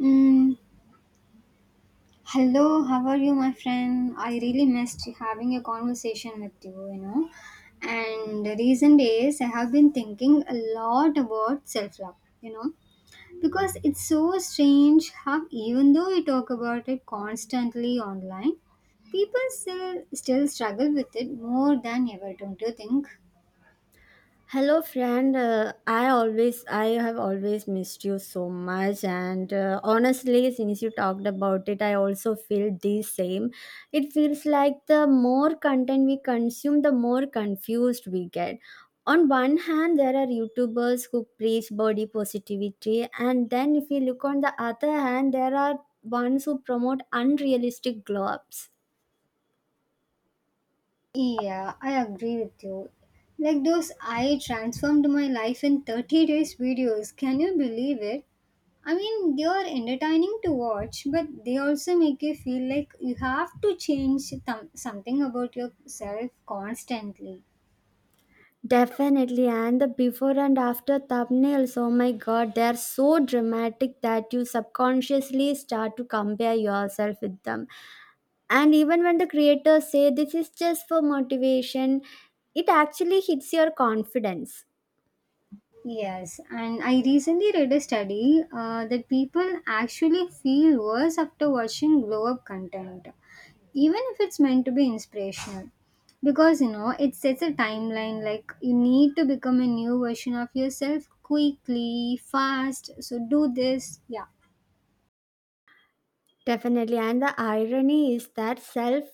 Mm, Hello, how are you, my friend? I really missed having a conversation with you, you know. And the recent days, I have been thinking a lot about self love, you know, because it's so strange how, even though we talk about it constantly online, people still struggle with it more than ever, don't you think? Hello, friend. I have always missed you so much. And honestly, since you talked about it, I also feel the same. It feels like the more content we consume, the more confused we get. On one hand, there are YouTubers who preach body positivity, and then if you look on the other hand, there are ones who promote unrealistic glow ups. Yeah, I agree with you. Like those I transformed my life in 30 days videos. Can you believe it? I mean, they are entertaining to watch, but they also make you feel like you have to change something about yourself constantly. Definitely, and the before and after thumbnails, oh my god, they are so dramatic that you subconsciously start to compare yourself with them. And even when the creators say this is just for motivation, it actually hits your confidence. Yes, and I recently read a study that people actually feel worse after watching glow up content, even if it's meant to be inspirational because it sets a timeline like you need to become a new version of yourself quickly fast, so do this, yeah. Definitely. And the irony is that self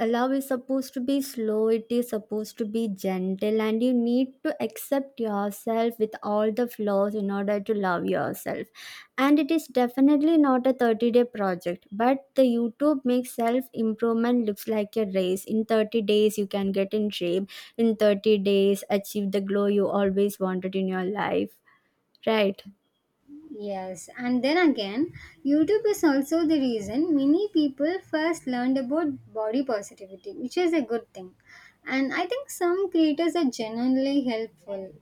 love is supposed to be slow, it is supposed to be gentle, and you need to accept yourself with all the flaws in order to love yourself. And it is definitely not a 30-day project, but the YouTube makes self improvement looks like a race. In 30 days, you can get in shape, in 30 days, achieve the glow you always wanted in your life, right? Yes, and then again, YouTube is also the reason many people first learned about body positivity, which is a good thing, and I think some creators are genuinely helpful.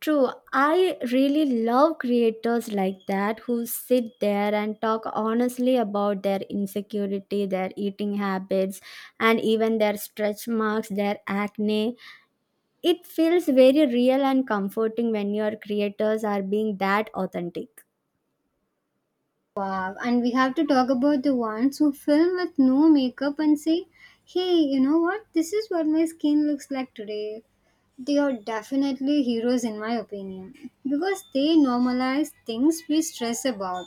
True, I really love creators like that who sit there and talk honestly about their insecurity, their eating habits, and even their stretch marks, their acne. It feels very real and comforting when your creators are being that authentic. Wow, and we have to talk about the ones who film with no makeup and say, hey, you know what? This is what my skin looks like today. They are definitely heroes, in my opinion, because they normalize things we stress about.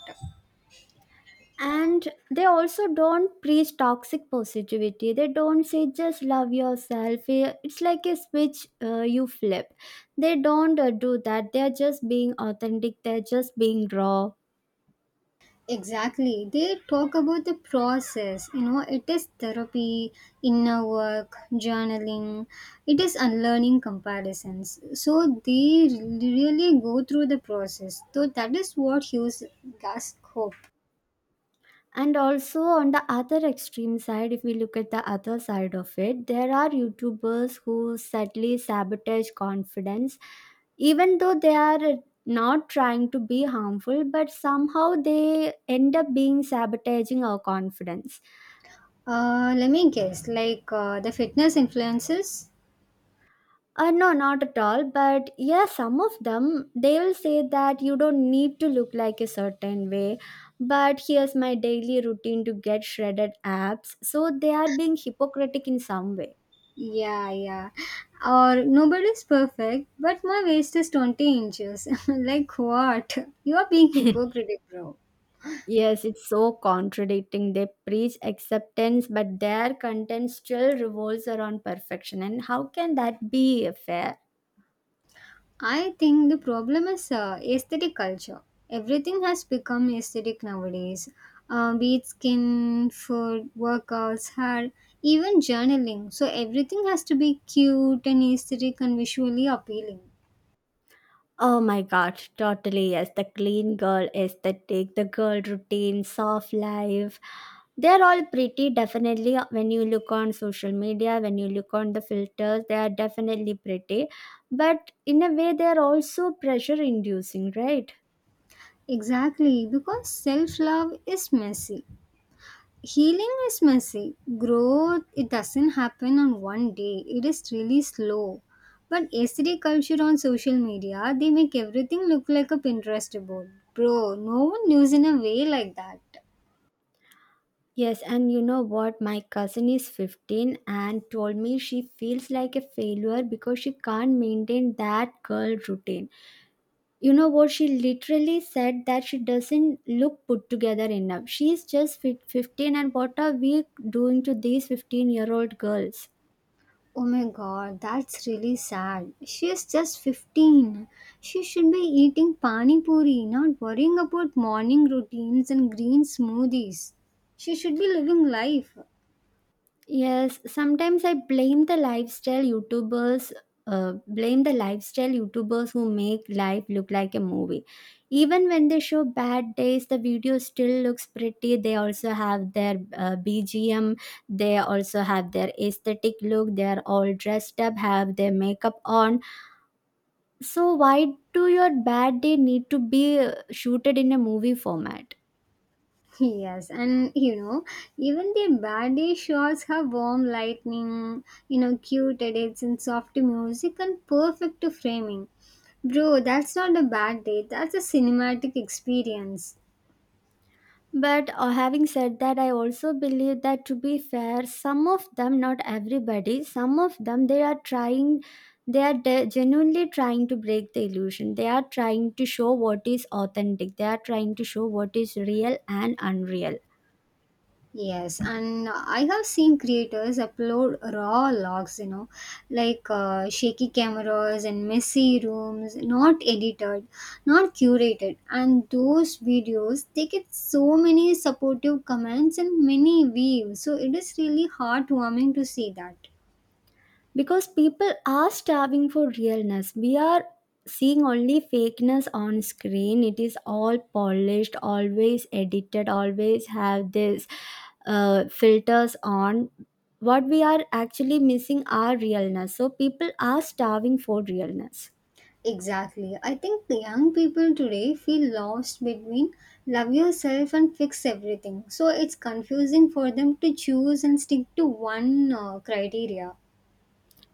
And they also don't preach toxic positivity. They don't say just love yourself. Eh, it's like a switch you flip. They don't do that. They're just being authentic, they're just being raw. Exactly. They talk about the process. You know, it is therapy, inner work, journaling, it is unlearning comparisons. So they really go through the process. So that is what gives us hope. And also on the other extreme side, if we look at the other side of it, there are YouTubers who subtly sabotage confidence, even though they are not trying to be harmful, but somehow they end up being sabotaging our confidence. Let me guess, like the fitness influences? No, not at all. But yeah, some of them they will say that you don't need to look like a certain way. But here's my daily routine to get shredded abs. So they are being hypocritic in some way. Yeah, yeah. Or nobody's perfect, but my waist is 20 inches. like what? You are being hypocritical, bro. Yes, it's so contradicting. They preach acceptance, but their content still revolves around perfection. And how can that be fair? I think the problem is aesthetic culture. Everything has become aesthetic nowadays. Be it skin, food, workouts, hair, even journaling. So everything has to be cute and aesthetic and visually appealing. Oh my god, totally yes. The clean girl aesthetic, the girl routine, soft life. They're all pretty definitely when you look on social media, when you look on the filters, they are definitely pretty. But in a way they're also pressure inducing, right? Exactly, because self love is messy. Healing is messy. Growth, it doesn't happen on one day, it is really slow. But yesterday, culture on social media, they make everything look like a Pinterest board. Bro, no one lives in a way like that. Yes, and you know what? My cousin is 15 and told me she feels like a failure because she can't maintain that girl routine. You know what? She literally said that she doesn't look put together enough. She's just 15, and what are we doing to these 15-year-old girls? Oh my god, that's really sad. She is just 15. She should be eating pani puri, not worrying about morning routines and green smoothies. She should be living life. Yes, sometimes I blame the lifestyle YouTubers. Blame the lifestyle YouTubers who make life look like a movie. Even when they show bad days, the video still looks pretty. They also have their BGM, they also have their aesthetic look, they are all dressed up, have their makeup on. So why do your bad day need to be shooted in a movie format? Yes, and you know, even the bad day shows have warm lightning, you know, cute edits and soft music and perfect framing. Bro, that's not a bad day, that's a cinematic experience. But having said that, I also believe that to be fair, some of them, not everybody, some of them, they are trying, genuinely trying to break the illusion. They are trying to show what is authentic. They are trying to show what is real and unreal, Yes, and I have seen creators upload raw logs, you know, like shaky cameras and messy rooms, not edited, not curated. And those videos, they get so many supportive comments and many views. So it is really heartwarming to see that. because people are starving for realness. We are seeing only fakeness on screen. It is all polished, always edited, always have this filters on. What we are actually missing are realness, so people are starving for realness. Exactly. I think the young people today feel lost between love yourself and fix everything. So it's confusing for them to choose and stick to one criteria.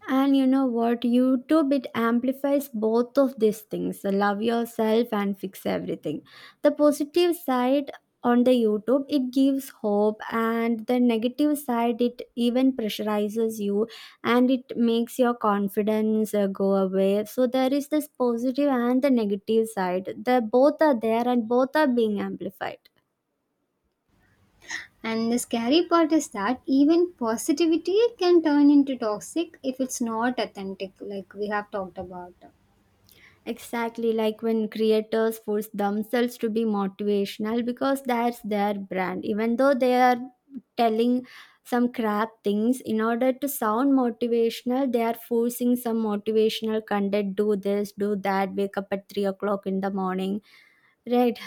And you know what? YouTube it amplifies both of these things: the love yourself and fix everything. The positive side on the YouTube it gives hope, and the negative side it even pressurizes you, and it makes your confidence go away. So there is this positive and the negative side. The both are there and both are being amplified. And the scary part is that even positivity can turn into toxic if it's not authentic, like we have talked about. Exactly, like when creators force themselves to be motivational because that's their brand, even though they are telling some crap things in order to sound motivational, they are forcing some motivational content. Do this, do that, wake up at 3 o'clock in the morning, right?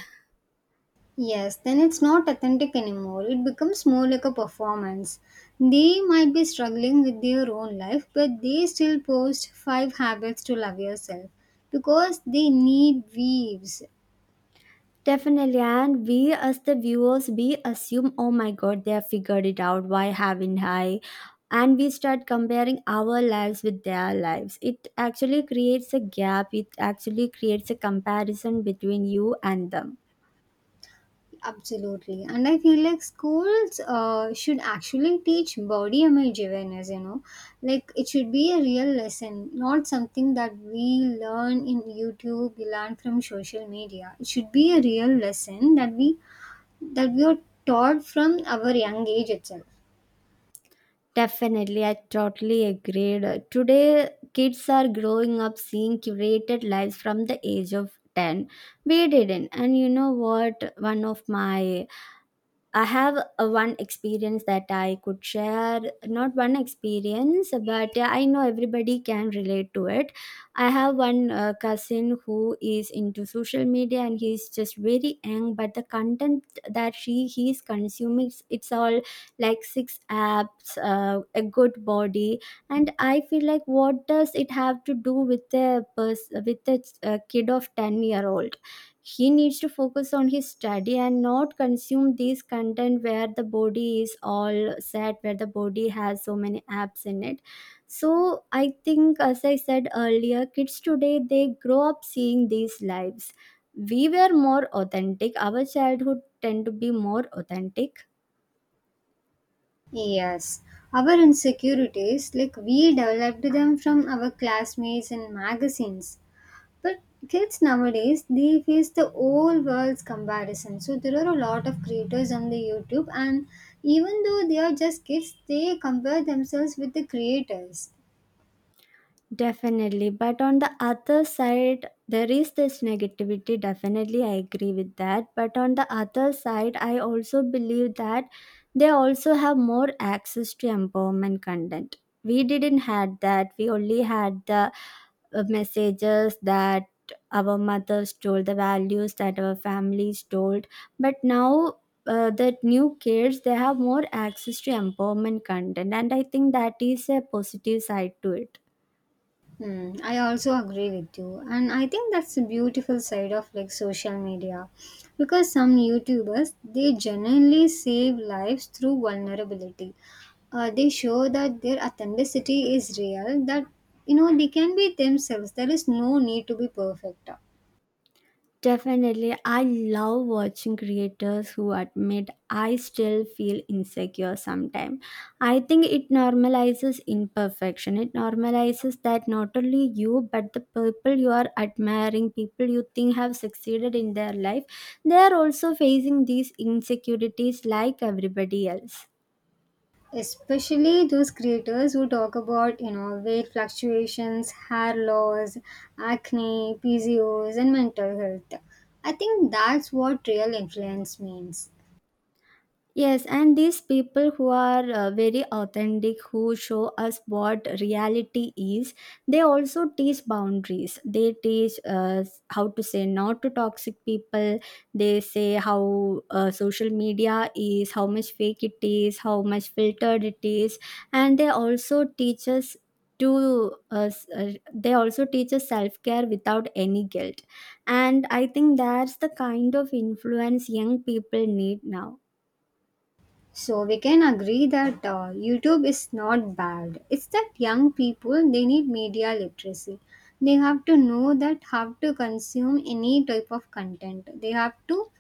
Yes, then it's not authentic anymore. It becomes more like a performance. They might be struggling with their own life, but they still post five habits to love yourself because they need views. Definitely, and we as the viewers, we assume, oh my god, they have figured it out. Why haven't I? And we start comparing our lives with their lives. It actually creates a gap. It actually creates a comparison between you and them. Absolutely. And I feel like schools should actually teach body image awareness. Like it should be a real lesson, not something that we learn in YouTube, we learn from social media. It should be a real lesson that we are taught from our young age itself. Definitely, I totally agreed. Today, kids are growing up seeing curated lives from the age of 10. We didn't. And you know what? One of my I have a one experience that I could share. Not one experience, but I know everybody can relate to it. I have one cousin who is into social media and he's just very young, but the content that she he is consuming it's all like six apps, a good body, and I feel like what does it have to do with a kid of 10 year old? He needs to focus on his study and not consume these content where the body is all set, where the body has so many apps in it. So I think, as I said earlier, kids today they grow up seeing these lives. We were more authentic. Our childhood tend to be more authentic. Yes. Our insecurities, like we developed them from our classmates and magazines. But kids nowadays they face the whole world's comparison. So there are a lot of creators on the YouTube, and even though they are just kids, they compare themselves with the creators. Definitely. But on the other side, there is this negativity. Definitely, I agree with that. But on the other side, I also believe that they also have more access to empowerment content. We didn't had that. We only had the messages that our mothers told, the values that our families told. But now the new kids, they have more access to empowerment content. And I think that is a positive side to it. Hmm, I also agree with you, and I think that's the beautiful side of like social media, because some YouTubers they genuinely save lives through vulnerability, they show that their authenticity is real, that you know they can be themselves, there is no need to be perfect, Definitely, I love watching creators who admit I still feel insecure sometimes. I think it normalizes imperfection. It normalizes that not only you, but the people you are admiring, people you think have succeeded in their life, they are also facing these insecurities like everybody else. especially those creators who talk about, you know, weight fluctuations, hair loss, acne, PCOS and mental health. I think that's what real influence means. Yes, and these people who are very authentic, who show us what reality is, they also teach boundaries. They teach us how to say no to toxic people. They say how social media is, how much fake it is, how much filtered it is, and they also teach us to us they also teach us self-care without any guilt. And I think that's the kind of influence young people need now. So we can agree that YouTube is not bad. It's that young people they need media literacy. They have to know that how to consume any type of content. They have to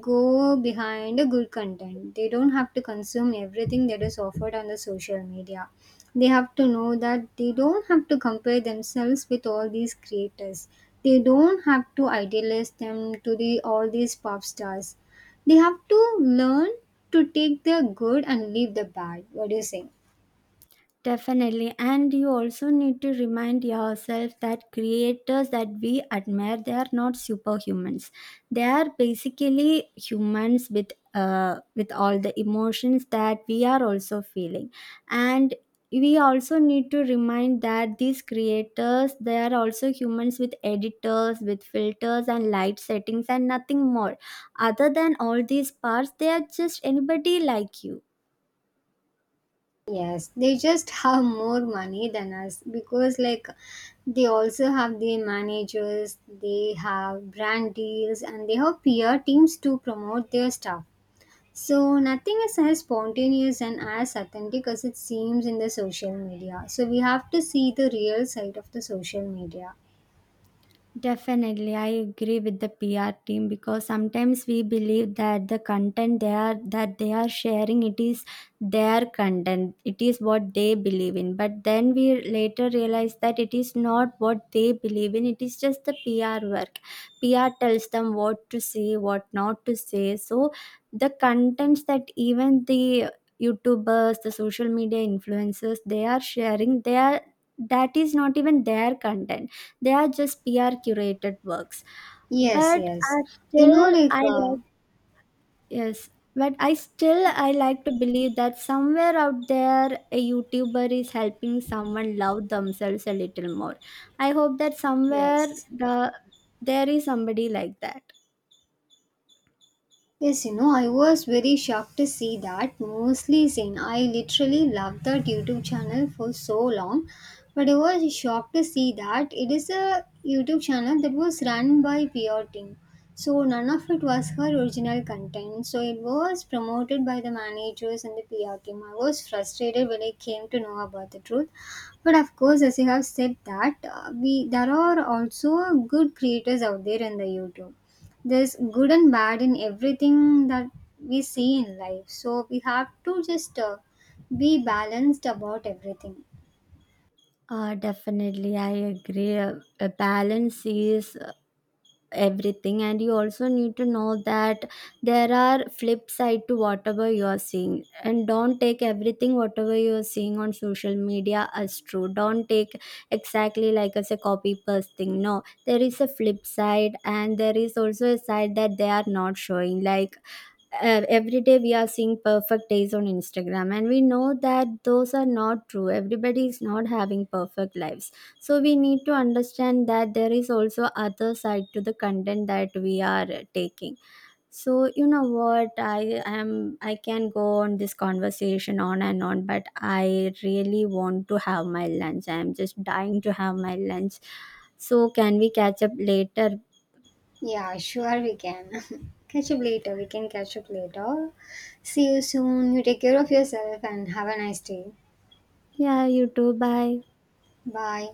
go behind a good content. They don't have to consume everything that is offered on the social media. They have to know that they don't have to compare themselves with all these creators. They don't have to idealize them to the all these pop stars. They have to learn to take the good and leave the bad. What do you say? Definitely. And you also need to remind yourself that creators that we admire, they are not superhumans. They are basically humans with with all the emotions that we are also feeling. And we also need to remind that these creators, they are also humans with editors, with filters and light settings and nothing more. Other than all these parts, they are just anybody like you. Yes, they just have more money than us because, like, they also have their managers, they have brand deals, and they have peer teams to promote their stuff. So, nothing is as spontaneous and as authentic as it seems in the social media. So, we have to see the real side of the social media. Definitely, I agree with the PR team, because sometimes we believe that the content they are that they are sharing it is their content, it is what they believe in. But then we later realize that it is not what they believe in. It is just the PR work. PR tells them what to say, what not to say. So the contents that even the YouTubers, the social media influencers, they are sharing, they are that is not even their content, they are just PR curated works. Yes, But yes. I You still know, like, I like yes. But I still I like to believe that somewhere out there a YouTuber is helping someone love themselves a little more. I hope that somewhere yes. the there is somebody like that. Yes, you know, I was very shocked to see that mostly seen. I literally loved that YouTube channel for so long, but I was shocked to see that it is a YouTube channel that was run by PR team. So none of it was her original content. So it was promoted by the managers and the PR team. I was frustrated when I came to know about the truth. But of course, as you have said that we there are also good creators out there in the YouTube. There's good and bad in everything that we see in life, so we have to just be balanced about everything. Definitely, I agree. A balance is everything, and you also need to know that there are flip side to whatever you are seeing, and don't take everything whatever you are seeing on social media as true. Don't take exactly like as a copy paste thing. No, there is a flip side, and there is also a side that they are not showing. Like every day we are seeing perfect days on Instagram, and we know that those are not true. Everybody is not having perfect lives, so we need to understand that there is also other side to the content that we are taking. So you know what? I can go on this conversation on and on, but I really want to have my lunch. I am just dying to have my lunch, so can we catch up later? Yeah, sure, we can catch up later, we can catch up later. See you soon, you take care of yourself and have a nice day. Yeah, you too, bye. Bye.